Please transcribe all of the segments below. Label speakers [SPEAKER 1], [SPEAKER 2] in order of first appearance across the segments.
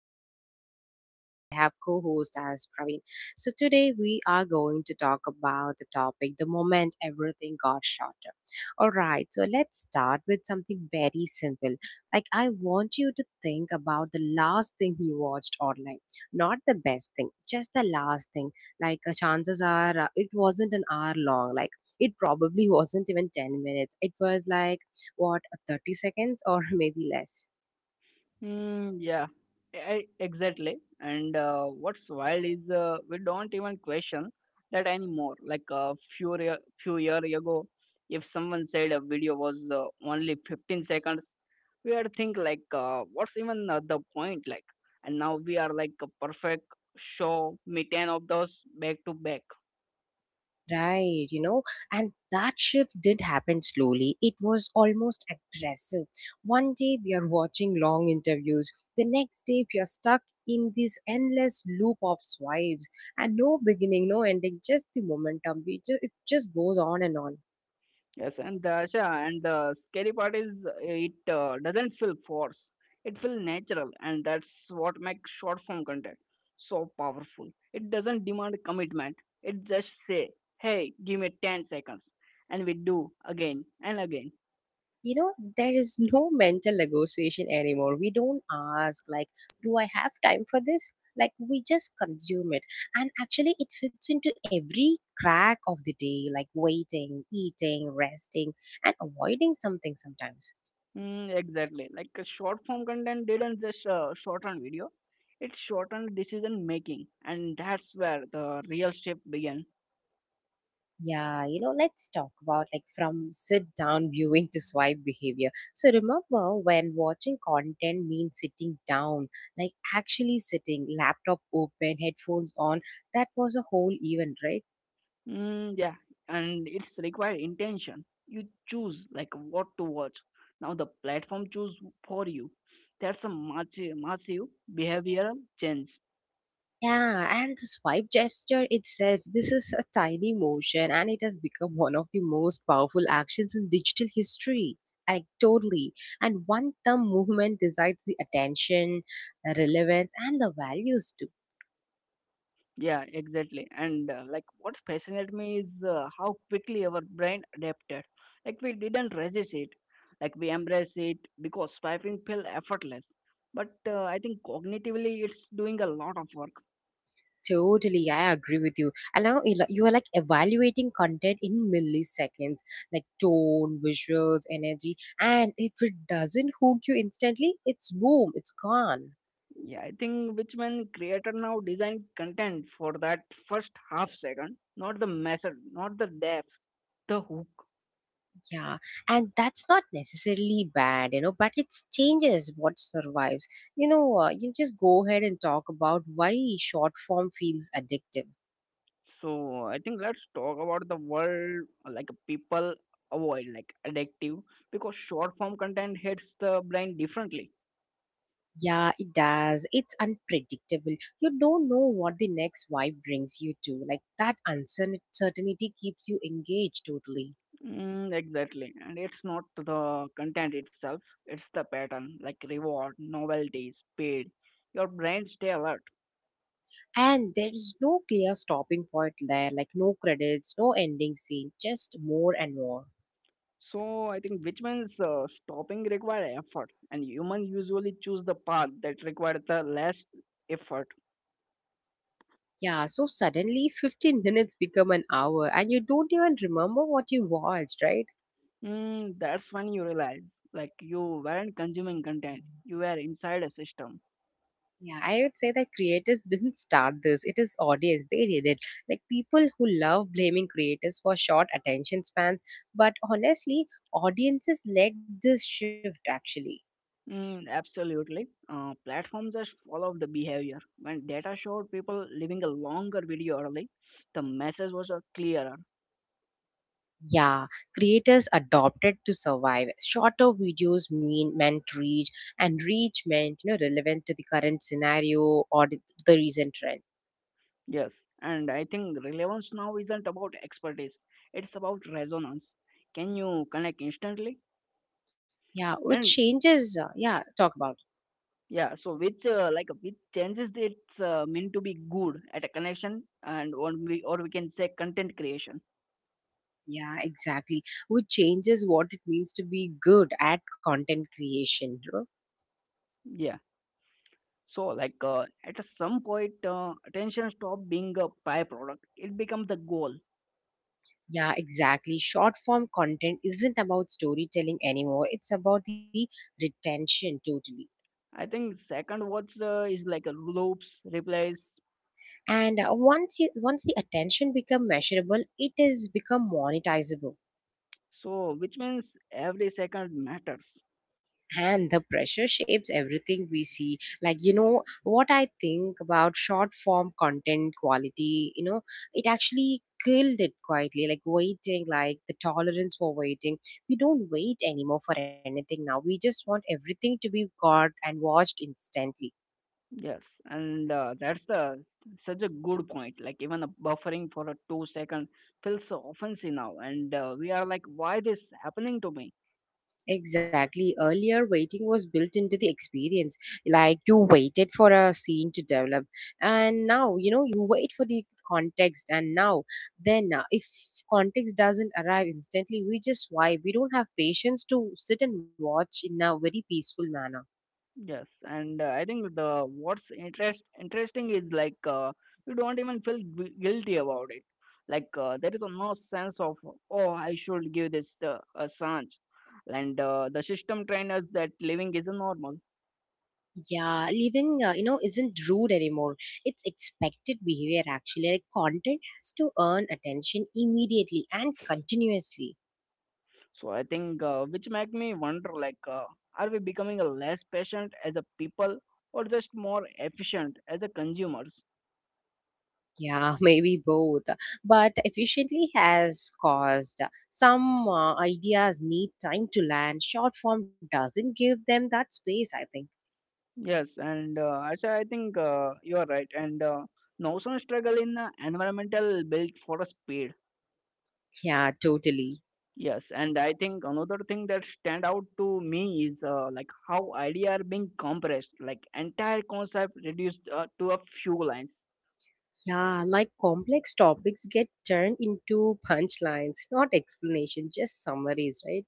[SPEAKER 1] Asha, and I have co host as Praveen. So today we are going to talk about the topic, the moment everything got shorter. All right, so let's start with something very simple. I want you to think about the last thing you watched online. Not the best thing, just the last thing. Chances are it wasn't an hour long. Like, it probably wasn't even 10 minutes. It was like what 30 seconds or maybe less,
[SPEAKER 2] Mm, yeah, exactly. And what's wild is we don't even question that anymore. Like few year ago, if someone said a video was only 15 seconds, we had think like, what's even the point? Like, and now we are like a perfect show me 10 of those back to back.
[SPEAKER 1] right? You know, and that shift did happen slowly. It was almost aggressive. One day we are watching long interviews, the next day we are stuck in this endless loop of swipes, and no beginning, no ending, just the momentum. We just It just goes on and on.
[SPEAKER 2] Yes, and the Yeah, and the scary part is it doesn't feel forced. It feels natural, and that's what makes short form content so powerful. It doesn't demand commitment. It just say, "Hey, give me 10 seconds," and we do again and again.
[SPEAKER 1] You know, there is no mental negotiation anymore. We don't ask like, do I have time for this? Like, we just consume it. And actually it fits into every crack of the day, like waiting, eating, resting, and avoiding something sometimes.
[SPEAKER 2] Mm, exactly, like a short form content didn't just shorten video; it shortened decision making, and that's where the real shift began.
[SPEAKER 1] Yeah. You know, let's talk about like from sit down viewing to swipe behavior. So remember when watching content means sitting down, like actually sitting, laptop open, headphones on. That was a whole event, right?
[SPEAKER 2] Mm, yeah, and it's required intention. You choose like what to watch. Now the platform choose for you. That's a massive, massive behavioral change.
[SPEAKER 1] Yeah, and the swipe gesture itself, this is a tiny motion and it has become one of the most powerful actions in digital history. Like, totally. And one thumb movement decides the attention, the relevance, and the values too.
[SPEAKER 2] Yeah, exactly. And like what fascinated me is how quickly our brain adapted. Like we didn't resist it. Like we embrace it because swiping felt effortless. But I think cognitively it's doing a lot of work.
[SPEAKER 1] Totally, I agree with you. And now you are like evaluating content in milliseconds, like tone, visuals, energy, and if it doesn't hook you instantly, it's boom, it's gone.
[SPEAKER 2] Yeah, I think which when creator now design content for that first half second, not the message, not the depth, the hook.
[SPEAKER 1] Yeah, and that's not necessarily bad, you know, but it changes what survives. You know, you just go ahead and talk about why short form feels addictive.
[SPEAKER 2] So I think let's talk about the world like people avoid like addictive because short form content hits the brain differently.
[SPEAKER 1] Yeah, it does. It's unpredictable. You don't know what the next vibe brings you to. Like, that uncertainty keeps you engaged totally.
[SPEAKER 2] Mm, exactly, and it's not the content itself; it's the pattern, like reward, novelty, speed. Your brain stays alert.
[SPEAKER 1] And there's no clear stopping point there, like no credits, no ending scene, just more and more.
[SPEAKER 2] So I think which means stopping require effort, and human usually choose the path that requires the less effort.
[SPEAKER 1] Yeah, so suddenly 15 minutes become an hour and you don't even remember what you watched, right?
[SPEAKER 2] Mm, that's when you realize, like you weren't consuming content, you were inside a system.
[SPEAKER 1] Yeah, I would say that creators didn't start this. It is audience. They did it. Like, people who love blaming creators for short attention spans. But honestly, audiences led this shift actually.
[SPEAKER 2] Mm, absolutely, platforms just follow the behavior. When data showed people leaving a longer video early, the message was clearer.
[SPEAKER 1] Yeah, creators adopted to survive. Shorter videos meant reach, and reach meant, you know, relevant to the current scenario or the recent trend.
[SPEAKER 2] Yes, and I think relevance now isn't about expertise; it's about resonance. Can you connect instantly?
[SPEAKER 1] Yeah, which
[SPEAKER 2] And
[SPEAKER 1] changes. Yeah, talk about.
[SPEAKER 2] Yeah, so which like which changes it's meant to be good at a connection and or we can say content creation.
[SPEAKER 1] Yeah, exactly. Which changes what it means to be good at content creation, bro.
[SPEAKER 2] Yeah. So like at some point attention stop being a byproduct. It becomes the goal.
[SPEAKER 1] Yeah, exactly. Short form content isn't about storytelling anymore. It's about the retention totally.
[SPEAKER 2] I think second words is like a loops replies.
[SPEAKER 1] And once the attention become measurable, it is become monetizable.
[SPEAKER 2] So which means every second matters.
[SPEAKER 1] And the pressure shapes everything we see. Like, you know what I think about short form content quality? You know, it actually killed it quietly, like waiting, like the tolerance for waiting. We don't wait anymore for anything. Now we just want everything to be got and watched instantly.
[SPEAKER 2] Yes, and that's the such a good point. Like even a buffering for a 2 second feels so offensive now, and we are like, why this happening to me?
[SPEAKER 1] Exactly. Earlier, waiting was built into the experience. Like, you waited for a scene to develop, and now you know you wait for the context. And now, then, if context doesn't arrive instantly, we just why we don't have patience to sit and watch in a very peaceful manner.
[SPEAKER 2] Yes, and I think the what's interest interesting is like you don't even feel guilty about it. Like there is no sense of oh I should give this a chance, and the system trained us that living isn't normal.
[SPEAKER 1] Yeah, living, you know, isn't rude anymore. It's expected behavior actually. Like, content has to earn attention immediately and continuously.
[SPEAKER 2] So I think which make me wonder like are we becoming a less patient as a people or just more efficient as a consumers?
[SPEAKER 1] Yeah, maybe both. But efficiently has caused some ideas need time to land. Short form doesn't give them that space, I think.
[SPEAKER 2] Yes, and Asha, I think you are right. And Nausan struggle in environmental built for a speed.
[SPEAKER 1] Yeah, totally.
[SPEAKER 2] Yes, and I think another thing that stand out to me is like how idea are being compressed, like entire concept reduced to a few lines.
[SPEAKER 1] Yeah, like complex topics get turned into punchlines, not explanation, just summaries, right?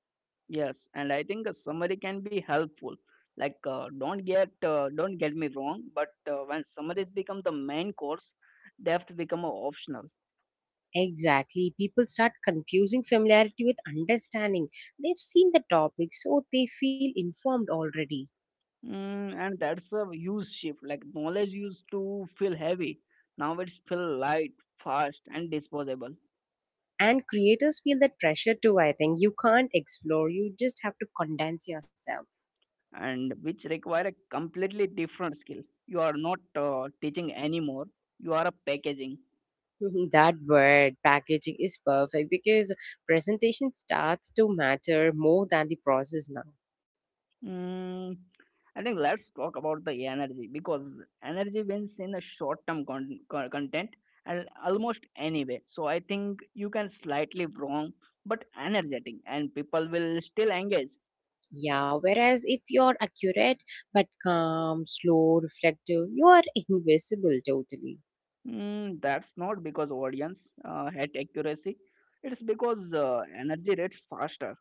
[SPEAKER 2] Yes, and I think a summary can be helpful. Like don't get me wrong, but when summaries become the main course, depth become a optional.
[SPEAKER 1] Exactly. People start confusing familiarity with understanding. They've seen the topic, so they feel informed already.
[SPEAKER 2] Mm, and that's a huge shift. Like knowledge used to feel heavy, now it's feel light, fast, and disposable,
[SPEAKER 1] And creators feel that pressure too. I think you can't explore, you just have to condense yourself.
[SPEAKER 2] and which require a completely different skill. You are not teaching anymore. You are a packaging.
[SPEAKER 1] That word packaging is perfect because presentation starts to matter more than the process now.
[SPEAKER 2] Mm, I think let's talk about the energy because energy wins in a short-term content and almost anyway. So I think you can slightly wrong, but energetic, and people will still engage.
[SPEAKER 1] Yeah, whereas if you're accurate but calm, slow, reflective, you are invisible totally.
[SPEAKER 2] Mm, that's not because audience had accuracy. It's because energy rates faster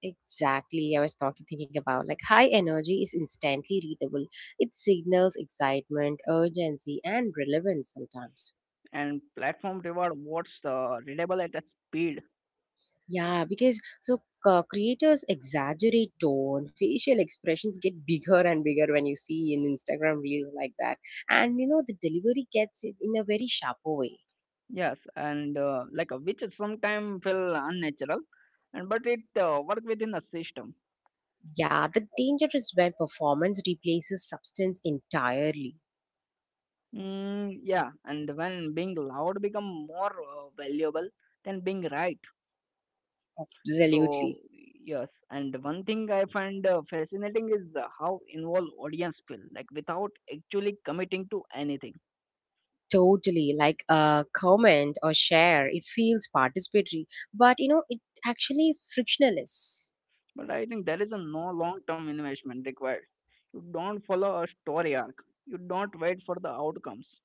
[SPEAKER 1] Exactly. I was talking thinking about like high energy is instantly readable. It signals excitement, urgency, and relevance sometimes.
[SPEAKER 2] and platform reward what's readable at a speed.
[SPEAKER 1] Yeah, because so creators exaggerate tone, facial expressions get bigger and bigger when you see in Instagram reels like that. And you know, the delivery gets it in a very sharper way.
[SPEAKER 2] Yes, and which sometimes feel unnatural, and but it work within a system.
[SPEAKER 1] Yeah, the danger is when performance replaces substance entirely.
[SPEAKER 2] Mm, yeah, and when being loud become more valuable than being right. So
[SPEAKER 1] Absolutely.
[SPEAKER 2] yes, and one thing I find fascinating is how involved audience feel, like without actually committing to anything.
[SPEAKER 1] Totally. Like a comment or share, it feels participatory, but you know, it actually frictionless.
[SPEAKER 2] But I think there is a no long-term investment required. You don't follow a story arc. You don't wait for the outcomes.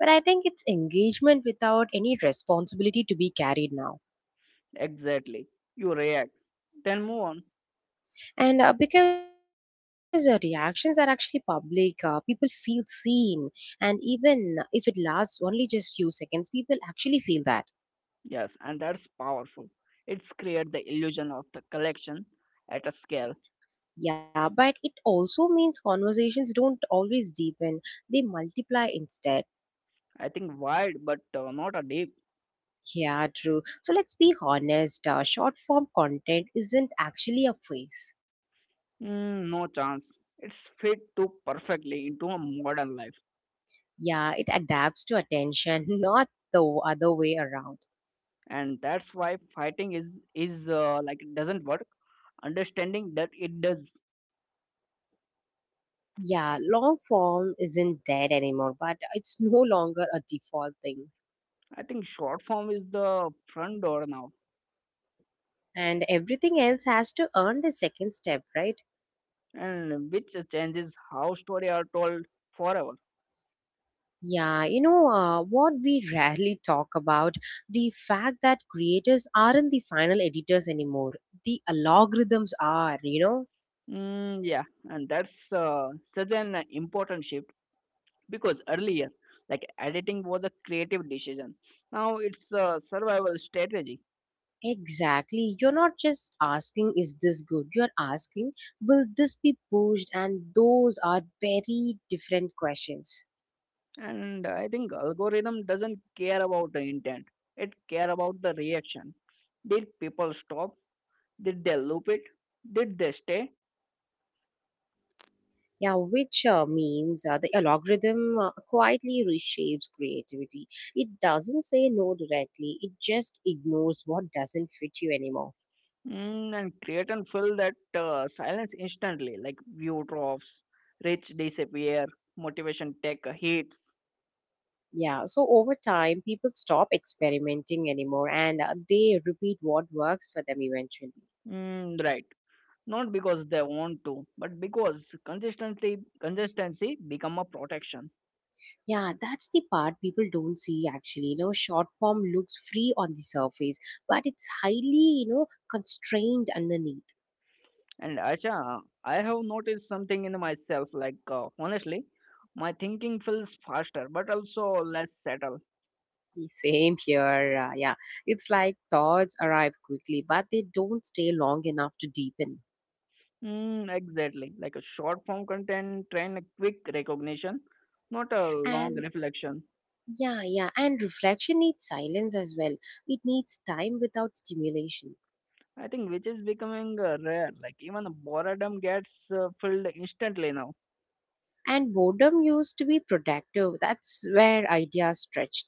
[SPEAKER 1] But I think it's engagement without any responsibility to be carried now.
[SPEAKER 2] Exactly. You react, then move on.
[SPEAKER 1] And because reactions are actually public, people feel seen. And even if it lasts only just few seconds, people actually feel that.
[SPEAKER 2] Yes, and that's powerful. It's create the illusion of the collection at a scale.
[SPEAKER 1] Yeah, but it also means conversations don't always deepen, they multiply instead.
[SPEAKER 2] I think wide, but not a deep.
[SPEAKER 1] Yeah, true. So let's be honest, short form content isn't actually a phase.
[SPEAKER 2] Mm, no chance. It's fit too perfectly into a modern life,
[SPEAKER 1] Yeah, it adapts to attention, not the other way around.
[SPEAKER 2] and that's why fighting is like it doesn't work. Understanding that it does.
[SPEAKER 1] Yeah, long form isn't dead anymore, but it's no longer a default thing.
[SPEAKER 2] I think short form is the front door now,
[SPEAKER 1] And everything else has to earn the second step, right?
[SPEAKER 2] and which changes how story are told forever.
[SPEAKER 1] Yeah, you know, what we rarely talk about, the fact that creators aren't the final editors anymore, the algorithms are, you know.
[SPEAKER 2] Mm, yeah, and that's such an important shift because earlier, like editing was a creative decision. Now it's a survival strategy.
[SPEAKER 1] Exactly, you're not just asking is this good, you're asking will this be pushed, and those are very different questions.
[SPEAKER 2] And I think algorithm doesn't care about the intent, it care about the reaction. Did people stop? Did they loop it? Did they stay?
[SPEAKER 1] Yeah, which means the algorithm quietly reshapes creativity. It doesn't say no directly, it just ignores what doesn't fit you anymore.
[SPEAKER 2] Mm, and create and fill that silence instantly, like view drops, reach disappear, motivation take a hits.
[SPEAKER 1] Yeah, so over time, people stop experimenting anymore and they repeat what works for them eventually.
[SPEAKER 2] Mm, right, not because they want to but because consistency become a protection.
[SPEAKER 1] Yeah, that's the part people don't see actually. You know, short form looks free on the surface, but it's highly, you know, constrained underneath.
[SPEAKER 2] And Acha, I have noticed something in myself. Like honestly, my thinking feels faster, but also less settled.
[SPEAKER 1] Same here. Yeah. It's like thoughts arrive quickly, but they don't stay long enough to deepen.
[SPEAKER 2] Mm, exactly, like a short form content train a quick recognition, not a long
[SPEAKER 1] And
[SPEAKER 2] reflection.
[SPEAKER 1] yeah, yeah. And reflection needs silence as well, it needs time without stimulation.
[SPEAKER 2] I think which is becoming rare. Like even boredom gets filled instantly now.
[SPEAKER 1] And boredom used to be productive. That's where ideas stretched.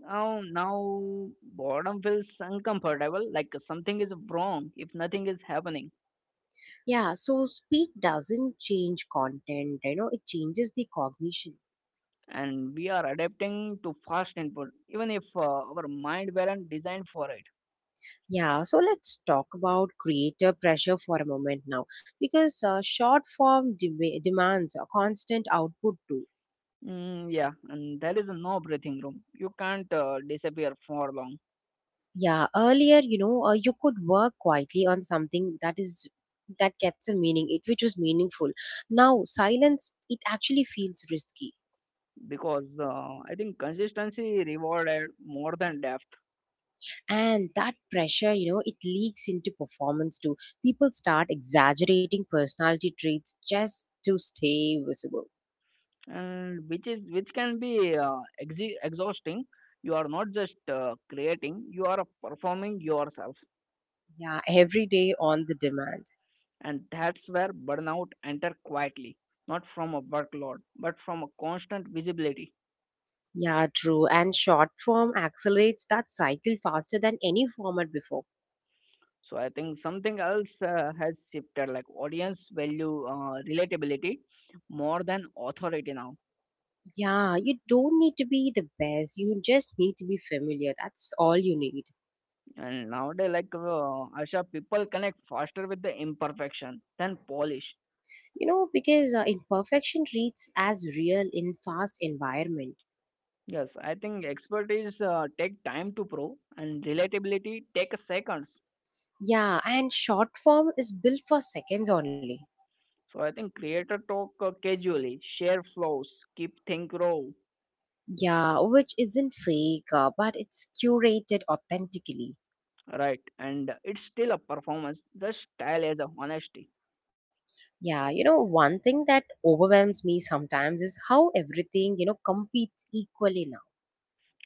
[SPEAKER 2] Now boredom feels uncomfortable. Like something is wrong if nothing is happening.
[SPEAKER 1] Yeah, so speak doesn't change content, you know, it changes the cognition.
[SPEAKER 2] And we are adapting to fast input even if our mind weren't designed for it.
[SPEAKER 1] Yeah, so let's talk about creator pressure for a moment now, because short form demands a constant output too.
[SPEAKER 2] Mm, yeah, and there is no breathing room, you can't disappear for long
[SPEAKER 1] Yeah, earlier, you know, you could work quietly on something that is that gets a meaning, it which was meaningful. Now, silence, it actually feels risky.
[SPEAKER 2] because I think consistency rewarded more than depth.
[SPEAKER 1] And that pressure, you know, it leaks into performance too. People start exaggerating personality traits just to stay visible.
[SPEAKER 2] And which is which can be exi exhausting, you are not just creating, you are performing yourself.
[SPEAKER 1] Yeah, every day on the demand.
[SPEAKER 2] And that's where burnout enter quietly, not from a workload but from a constant visibility.
[SPEAKER 1] Yeah, true. And short form accelerates that cycle faster than any format before.
[SPEAKER 2] So I think something else has shifted, like audience value relatability more than authority now.
[SPEAKER 1] Yeah, you don't need to be the best. You just need to be familiar. That's all you need.
[SPEAKER 2] And nowadays like Asha, people connect faster with the imperfection than polish.
[SPEAKER 1] You know, because imperfection reads as real in fast environment.
[SPEAKER 2] Yes, I think expertise take time to prove and relatability take seconds.
[SPEAKER 1] Yeah, and short form is built for seconds only.
[SPEAKER 2] So I think creator talk casually, share flows, keep think raw.
[SPEAKER 1] Yeah, which isn't fake, but it's curated authentically.
[SPEAKER 2] Right, and it's still a performance, the style as a honesty.
[SPEAKER 1] Yeah, you know, one thing that overwhelms me sometimes is how everything, you know, competes equally now.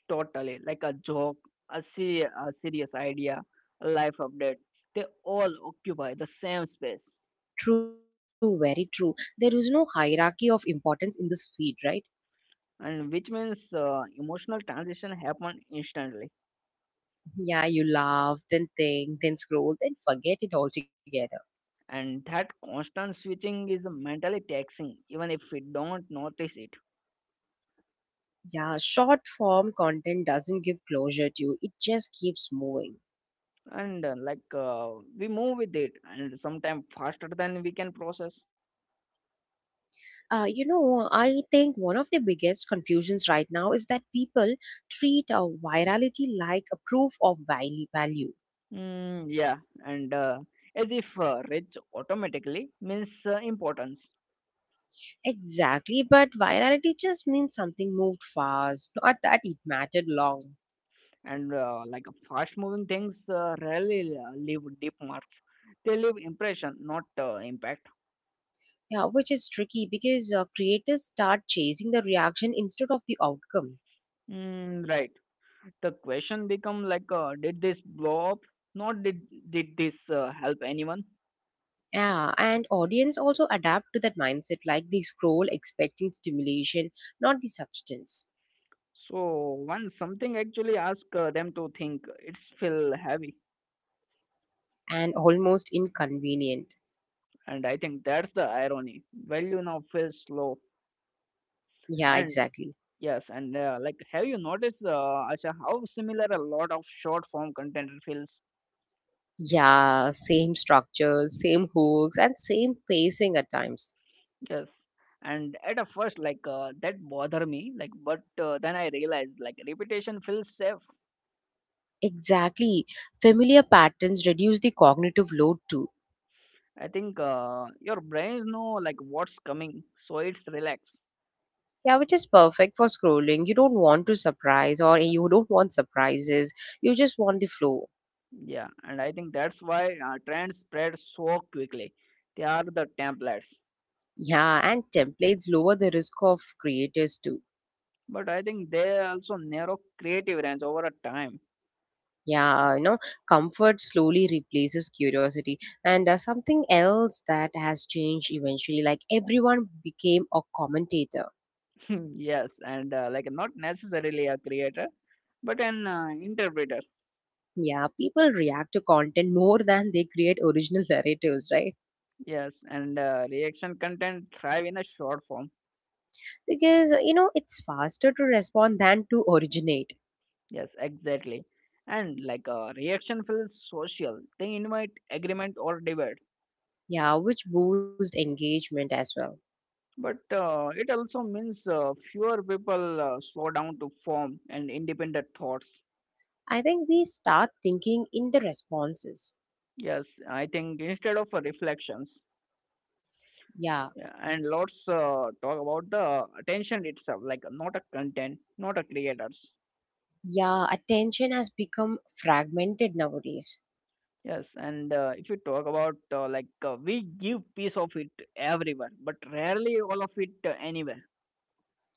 [SPEAKER 2] Totally, like a joke, a serious idea, a life update. They all occupy the same space,
[SPEAKER 1] True, very true. There is no hierarchy of importance in this feed, right?
[SPEAKER 2] and which means emotional transition happen instantly.
[SPEAKER 1] Yeah, you laugh, then think, then scroll, then forget it altogether.
[SPEAKER 2] And that constant switching is mentally taxing, even if we don't notice it.
[SPEAKER 1] Yeah, short form content doesn't give closure to you, it just keeps moving.
[SPEAKER 2] And we move with it, and sometimes faster than we can process.
[SPEAKER 1] You know, I think one of the biggest confusions right now is that people treat virality like a proof of value. Value.
[SPEAKER 2] Mm, yeah, and as if rich automatically means importance.
[SPEAKER 1] Exactly, but virality just means something moved fast, not that it mattered long.
[SPEAKER 2] And like fast moving things rarely leave deep marks, they leave impression not impact.
[SPEAKER 1] Yeah, which is tricky because creators start chasing the reaction instead of the outcome.
[SPEAKER 2] Mm, right, the question become like did this blow up, not did did this help anyone?
[SPEAKER 1] Yeah, and audience also adapt to that mindset, like they scroll expecting stimulation, not the substance,
[SPEAKER 2] So once something actually ask them to think, it's feel heavy.
[SPEAKER 1] and almost inconvenient.
[SPEAKER 2] And I think that's the irony, value now feels slow.
[SPEAKER 1] Yeah,
[SPEAKER 2] And
[SPEAKER 1] exactly.
[SPEAKER 2] yes, and like, have you noticed, Asha, how similar a lot of short form content feels?
[SPEAKER 1] Yeah, same structures, same hooks, and same pacing at times.
[SPEAKER 2] Yes, and at a first, like that bother me, like but then I realized like repetition feels safe.
[SPEAKER 1] Exactly. Familiar patterns reduce the cognitive load too.
[SPEAKER 2] I think your brain know like what's coming, so it's relax.
[SPEAKER 1] Yeah, which is perfect for scrolling. You don't want to surprise, or you don't want surprises. You just want the flow.
[SPEAKER 2] Yeah, and I think that's why trends spread so quickly. They are the templates,
[SPEAKER 1] Yeah, and templates lower the risk of creators too.
[SPEAKER 2] but I think they also narrow creative range over a time.
[SPEAKER 1] Yeah, you know, comfort slowly replaces curiosity. And something else that has changed eventually, like everyone became a commentator.
[SPEAKER 2] Yes, and like not necessarily a creator, but an interpreter.
[SPEAKER 1] Yeah, people react to content more than they create original narratives, right?
[SPEAKER 2] Yes, and reaction content thrive in a short form.
[SPEAKER 1] Because, you know, it's faster to respond than to originate.
[SPEAKER 2] Yes, exactly. And like reaction feels social. They invite agreement or debate.
[SPEAKER 1] Yeah, which boosts engagement as well.
[SPEAKER 2] But it also means fewer people slow down to form and independent thoughts.
[SPEAKER 1] I think we start thinking in the responses.
[SPEAKER 2] Yes, I think instead of reflections.
[SPEAKER 1] Yeah,
[SPEAKER 2] Yeah, and lots talk about the attention itself, like not a content, not a creators.
[SPEAKER 1] yeah, attention has become fragmented nowadays.
[SPEAKER 2] Yes, and if you talk about like we give piece of it everywhere, but rarely all of it anywhere.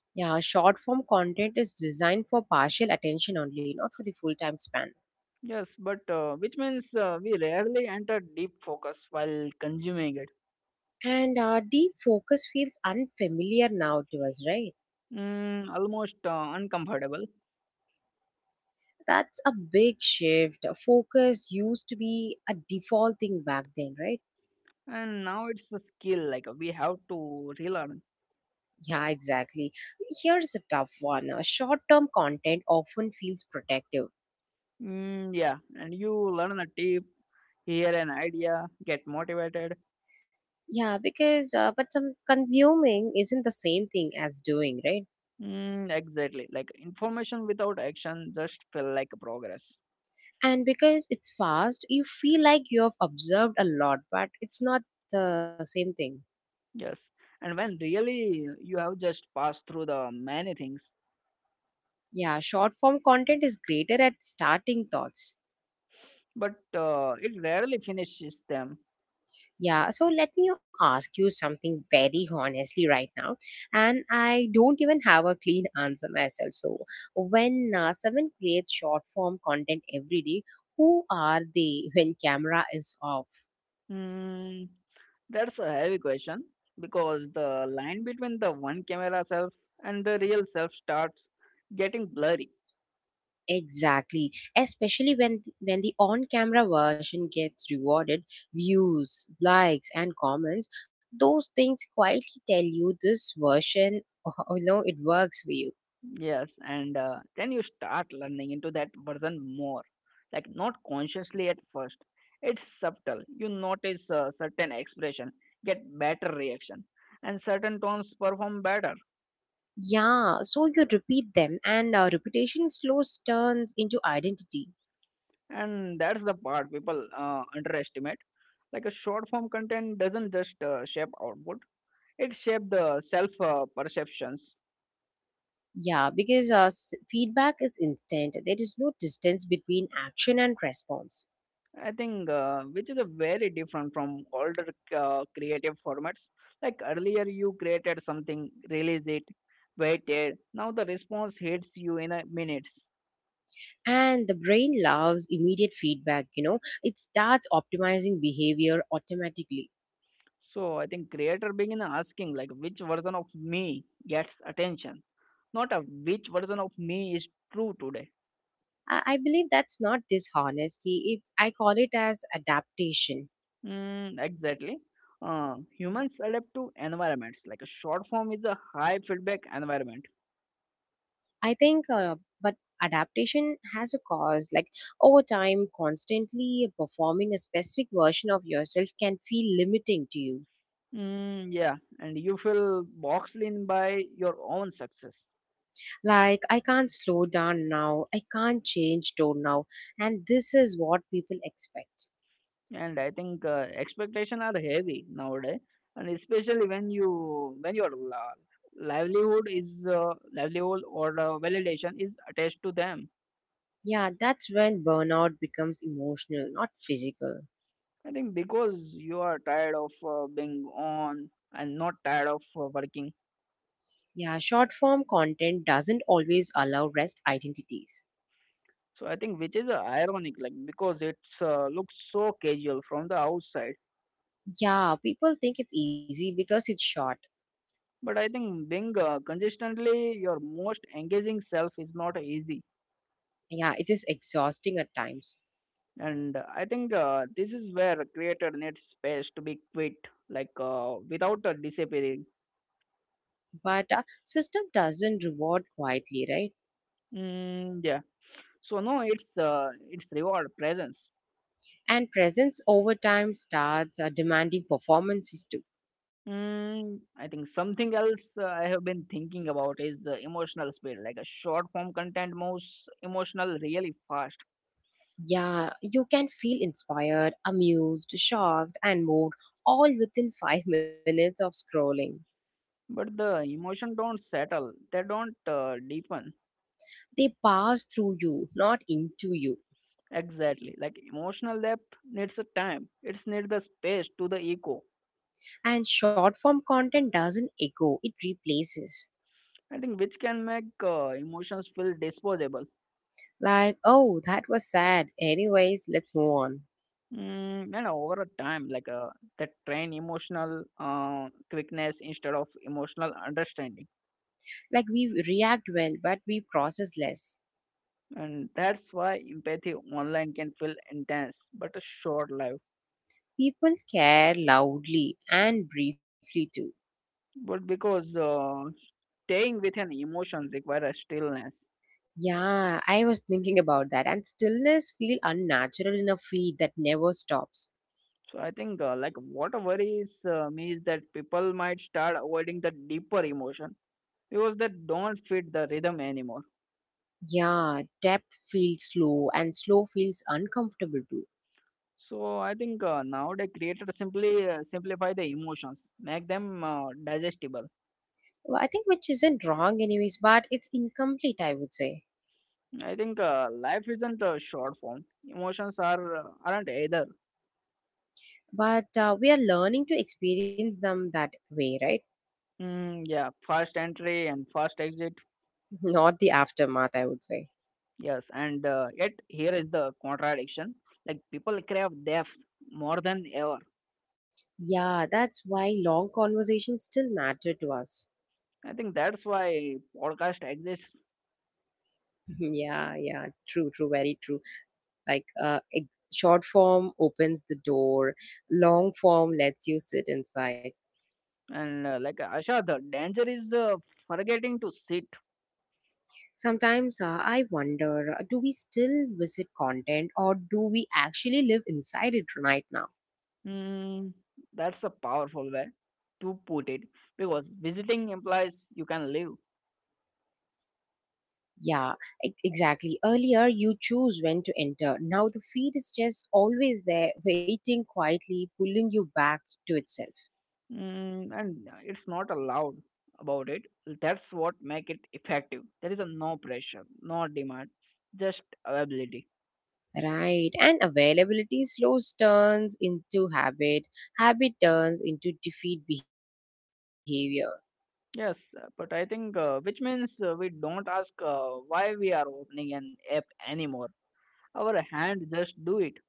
[SPEAKER 1] Yeah, short form content is designed for partial attention only, not for the full time span.
[SPEAKER 2] Yes, but which means we rarely enter deep focus while consuming it.
[SPEAKER 1] And deep focus feels unfamiliar now to us, right?
[SPEAKER 2] Mm, almost uncomfortable.
[SPEAKER 1] That's a big shift. Focus used to be a default thing back then, right?
[SPEAKER 2] And now it's a skill like we have to relearn.
[SPEAKER 1] Yeah, exactly. Here's a tough one. Short term content often feels protective.
[SPEAKER 2] Mm, yeah, and you learn a tip, hear an idea, get motivated.
[SPEAKER 1] Yeah, because, but some consuming isn't the same thing as doing, right?
[SPEAKER 2] Mm, exactly. Like information without action just feel like progress.
[SPEAKER 1] And because it's fast, you feel like you have observed a lot, but it's not the same thing.
[SPEAKER 2] Yes. And when really you have just passed through the many things,
[SPEAKER 1] Yeah, short form content is greater at starting thoughts.
[SPEAKER 2] but it rarely finishes them.
[SPEAKER 1] Yeah, so let me ask you something very honestly right now, and I don't even have a clean answer myself. So when someone creates short form content every day, who are they when camera is off?
[SPEAKER 2] Hmm, that's a heavy question because the line between the one camera self and the real self starts getting blurry.
[SPEAKER 1] Exactly, especially when the on-camera version gets rewarded, views, likes, and comments. Those things quietly tell you this version, oh, oh, no, it works for you.
[SPEAKER 2] Yes, and then you start learning into that version more. Like, not consciously at first, it's subtle. You notice certain expression, get better reaction, and certain tones perform better.
[SPEAKER 1] Yeah, so you repeat them, and repetition slows turns into identity.
[SPEAKER 2] And that's the part people underestimate. Like, a short form content doesn't just shape output. It shaped the self perceptions,
[SPEAKER 1] Yeah, because feedback is instant. There is no distance between action and response.
[SPEAKER 2] I think, which is a very different from older creative formats. Like earlier, you created something, release it, waited. Now the response hits you in a minutes.
[SPEAKER 1] And the brain loves immediate feedback, you know, it starts optimizing behavior automatically.
[SPEAKER 2] So I think creator begin asking like which version of me gets attention, not a which version of me is true today.
[SPEAKER 1] I believe that's not dishonesty. It, I call it as adaptation.
[SPEAKER 2] Mm, exactly. Humans adapt to environments. Like a short form is a high feedback environment.
[SPEAKER 1] I think, uh, but adaptation has a cause. Like over time, constantly performing a specific version of yourself can feel limiting to you.
[SPEAKER 2] Mm, yeah, and you feel boxed in by your own success.
[SPEAKER 1] Like, I can't slow down now. I can't change tone now. And this is what people expect.
[SPEAKER 2] And I think expectations are heavy nowadays, and especially when you when your livelihood is livelihood or validation is attached to them.
[SPEAKER 1] Yeah, that's when burnout becomes emotional, not physical.
[SPEAKER 2] I think because you are tired of being on and not tired of working.
[SPEAKER 1] Yeah, short form content doesn't always allow rest identities.
[SPEAKER 2] So I think which is ironic, like because it's looks so casual from the outside.
[SPEAKER 1] Yeah, people think it's easy because it's short.
[SPEAKER 2] But I think being consistently your most engaging self is not easy.
[SPEAKER 1] Yeah, it is exhausting at times.
[SPEAKER 2] And I think this is where creator needs space to be quit, like without disappearing.
[SPEAKER 1] But system doesn't reward quietly, right?
[SPEAKER 2] Mm, yeah. So no, it's reward presence.
[SPEAKER 1] And presence over time starts demanding performances too.
[SPEAKER 2] Mm, I think something else I have been thinking about is emotional speed. Like a short form content moves emotional really fast,
[SPEAKER 1] Yeah, you can feel inspired, amused, shocked, and moved all within 5 minutes of scrolling.
[SPEAKER 2] but the emotion don't settle. They don't deepen.
[SPEAKER 1] They pass through you, not into you.
[SPEAKER 2] Exactly. Like emotional depth needs a time. It's need the space to the ego.
[SPEAKER 1] And short form content doesn't echo, it replaces.
[SPEAKER 2] I think which can make emotions feel disposable.
[SPEAKER 1] Like, oh, that was sad. Anyways, let's move on.
[SPEAKER 2] Mm, and over a time, like that train emotional quickness instead of emotional understanding.
[SPEAKER 1] Like we react well, but we process less.
[SPEAKER 2] And that's why empathy online can feel intense but a short life.
[SPEAKER 1] People care loudly and briefly too.
[SPEAKER 2] But because staying with an emotion requires stillness.
[SPEAKER 1] Yeah, I was thinking about that. And stillness feel unnatural in a feed that never stops.
[SPEAKER 2] So I think like what worries me is that people might start avoiding the deeper emotion because they don't fit the rhythm anymore.
[SPEAKER 1] Yeah, depth feels slow and slow feels uncomfortable too.
[SPEAKER 2] So I think nowadays creators simply simplify the emotions, make them digestible.
[SPEAKER 1] Well, I think which isn't wrong anyways, but it's incomplete, I would say.
[SPEAKER 2] I think life isn't a short form. Emotions are aren't either.
[SPEAKER 1] But we are learning to experience them that way, right?
[SPEAKER 2] Mm, yeah, fast entry and fast exit.
[SPEAKER 1] Not the aftermath, I would say.
[SPEAKER 2] Yes, and yet here is the contradiction. Like people crave depth more than ever.
[SPEAKER 1] Yeah, that's why long conversations still matter to us.
[SPEAKER 2] I think that's why podcast exists.
[SPEAKER 1] Yeah, yeah, true, true, very true. Like, short form opens the door, long form lets you sit inside.
[SPEAKER 2] And like Asha, the danger is forgetting to sit.
[SPEAKER 1] Sometimes I wonder, do we still visit content or do we actually live inside it right now?
[SPEAKER 2] Hmm, that's a powerful way to put it because visiting implies you can live.
[SPEAKER 1] Yeah, exactly. Earlier, you choose when to enter. Now the feed is just always there, waiting quietly, pulling you back to itself.
[SPEAKER 2] Hmm, and it's not allowed about it. That's what make it effective. There is a no pressure, no demand, just availability.
[SPEAKER 1] Right, and availability slows turns into habit, habit turns into defeat behavior,
[SPEAKER 2] Yes, but I think which means we don't ask why we are opening an app anymore. Our hand just do it.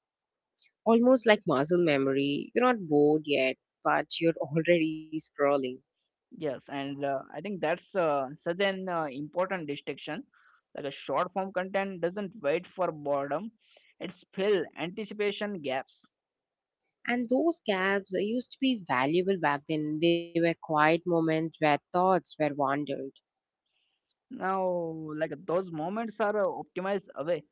[SPEAKER 1] almost like muscle memory. You're not bored yet, but you're already scrolling.
[SPEAKER 2] Yes, and I think that's such an important distinction. Like a short form content doesn't wait for boredom; it's fill anticipation gaps.
[SPEAKER 1] And those gaps used to be valuable back then. They were quiet moments where thoughts were wandered.
[SPEAKER 2] Now, like those moments are optimized away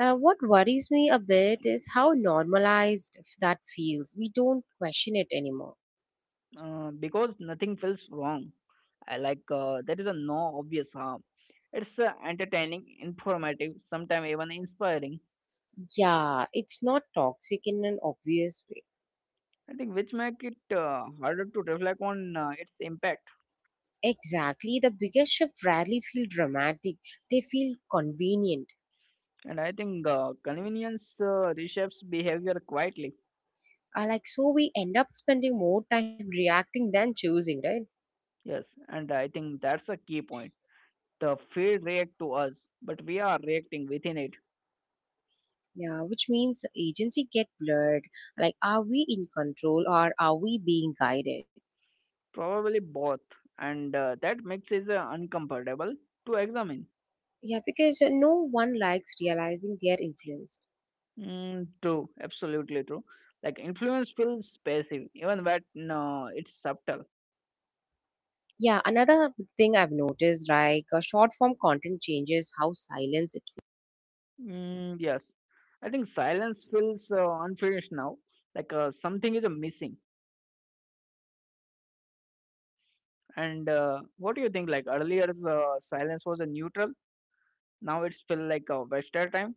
[SPEAKER 1] What worries me a bit is how normalized that feels. We don't question it anymore.
[SPEAKER 2] because nothing feels wrong. I like there is a no obvious harm. It's entertaining, informative, sometimes even inspiring.
[SPEAKER 1] Yeah, it's not toxic in an obvious way.
[SPEAKER 2] I think which make it harder to reflect on its impact.
[SPEAKER 1] Exactly. The biggest shift rarely feel dramatic. They feel convenient.
[SPEAKER 2] And I think convenience reshapes behavior quietly.
[SPEAKER 1] So we end up spending more time reacting than choosing, right?
[SPEAKER 2] Yes, and I think that's a key point. The field react to us, but we are reacting within it.
[SPEAKER 1] Yeah, which means agency get blurred. Like, are we in control or are we being guided?
[SPEAKER 2] Probably both, and that mix is uncomfortable to examine.
[SPEAKER 1] Yeah, because no one likes realizing they are influenced.
[SPEAKER 2] Mm, true, absolutely true. Like influence feels passive even when no, it's subtle.
[SPEAKER 1] Yeah, another thing I've noticed, like short form content changes how silence it
[SPEAKER 2] Mm, yes, I think silence feels unfinished now, like something is missing. And what do you think? Like earlier, silence was a neutral. Now it's feel like a wasted time.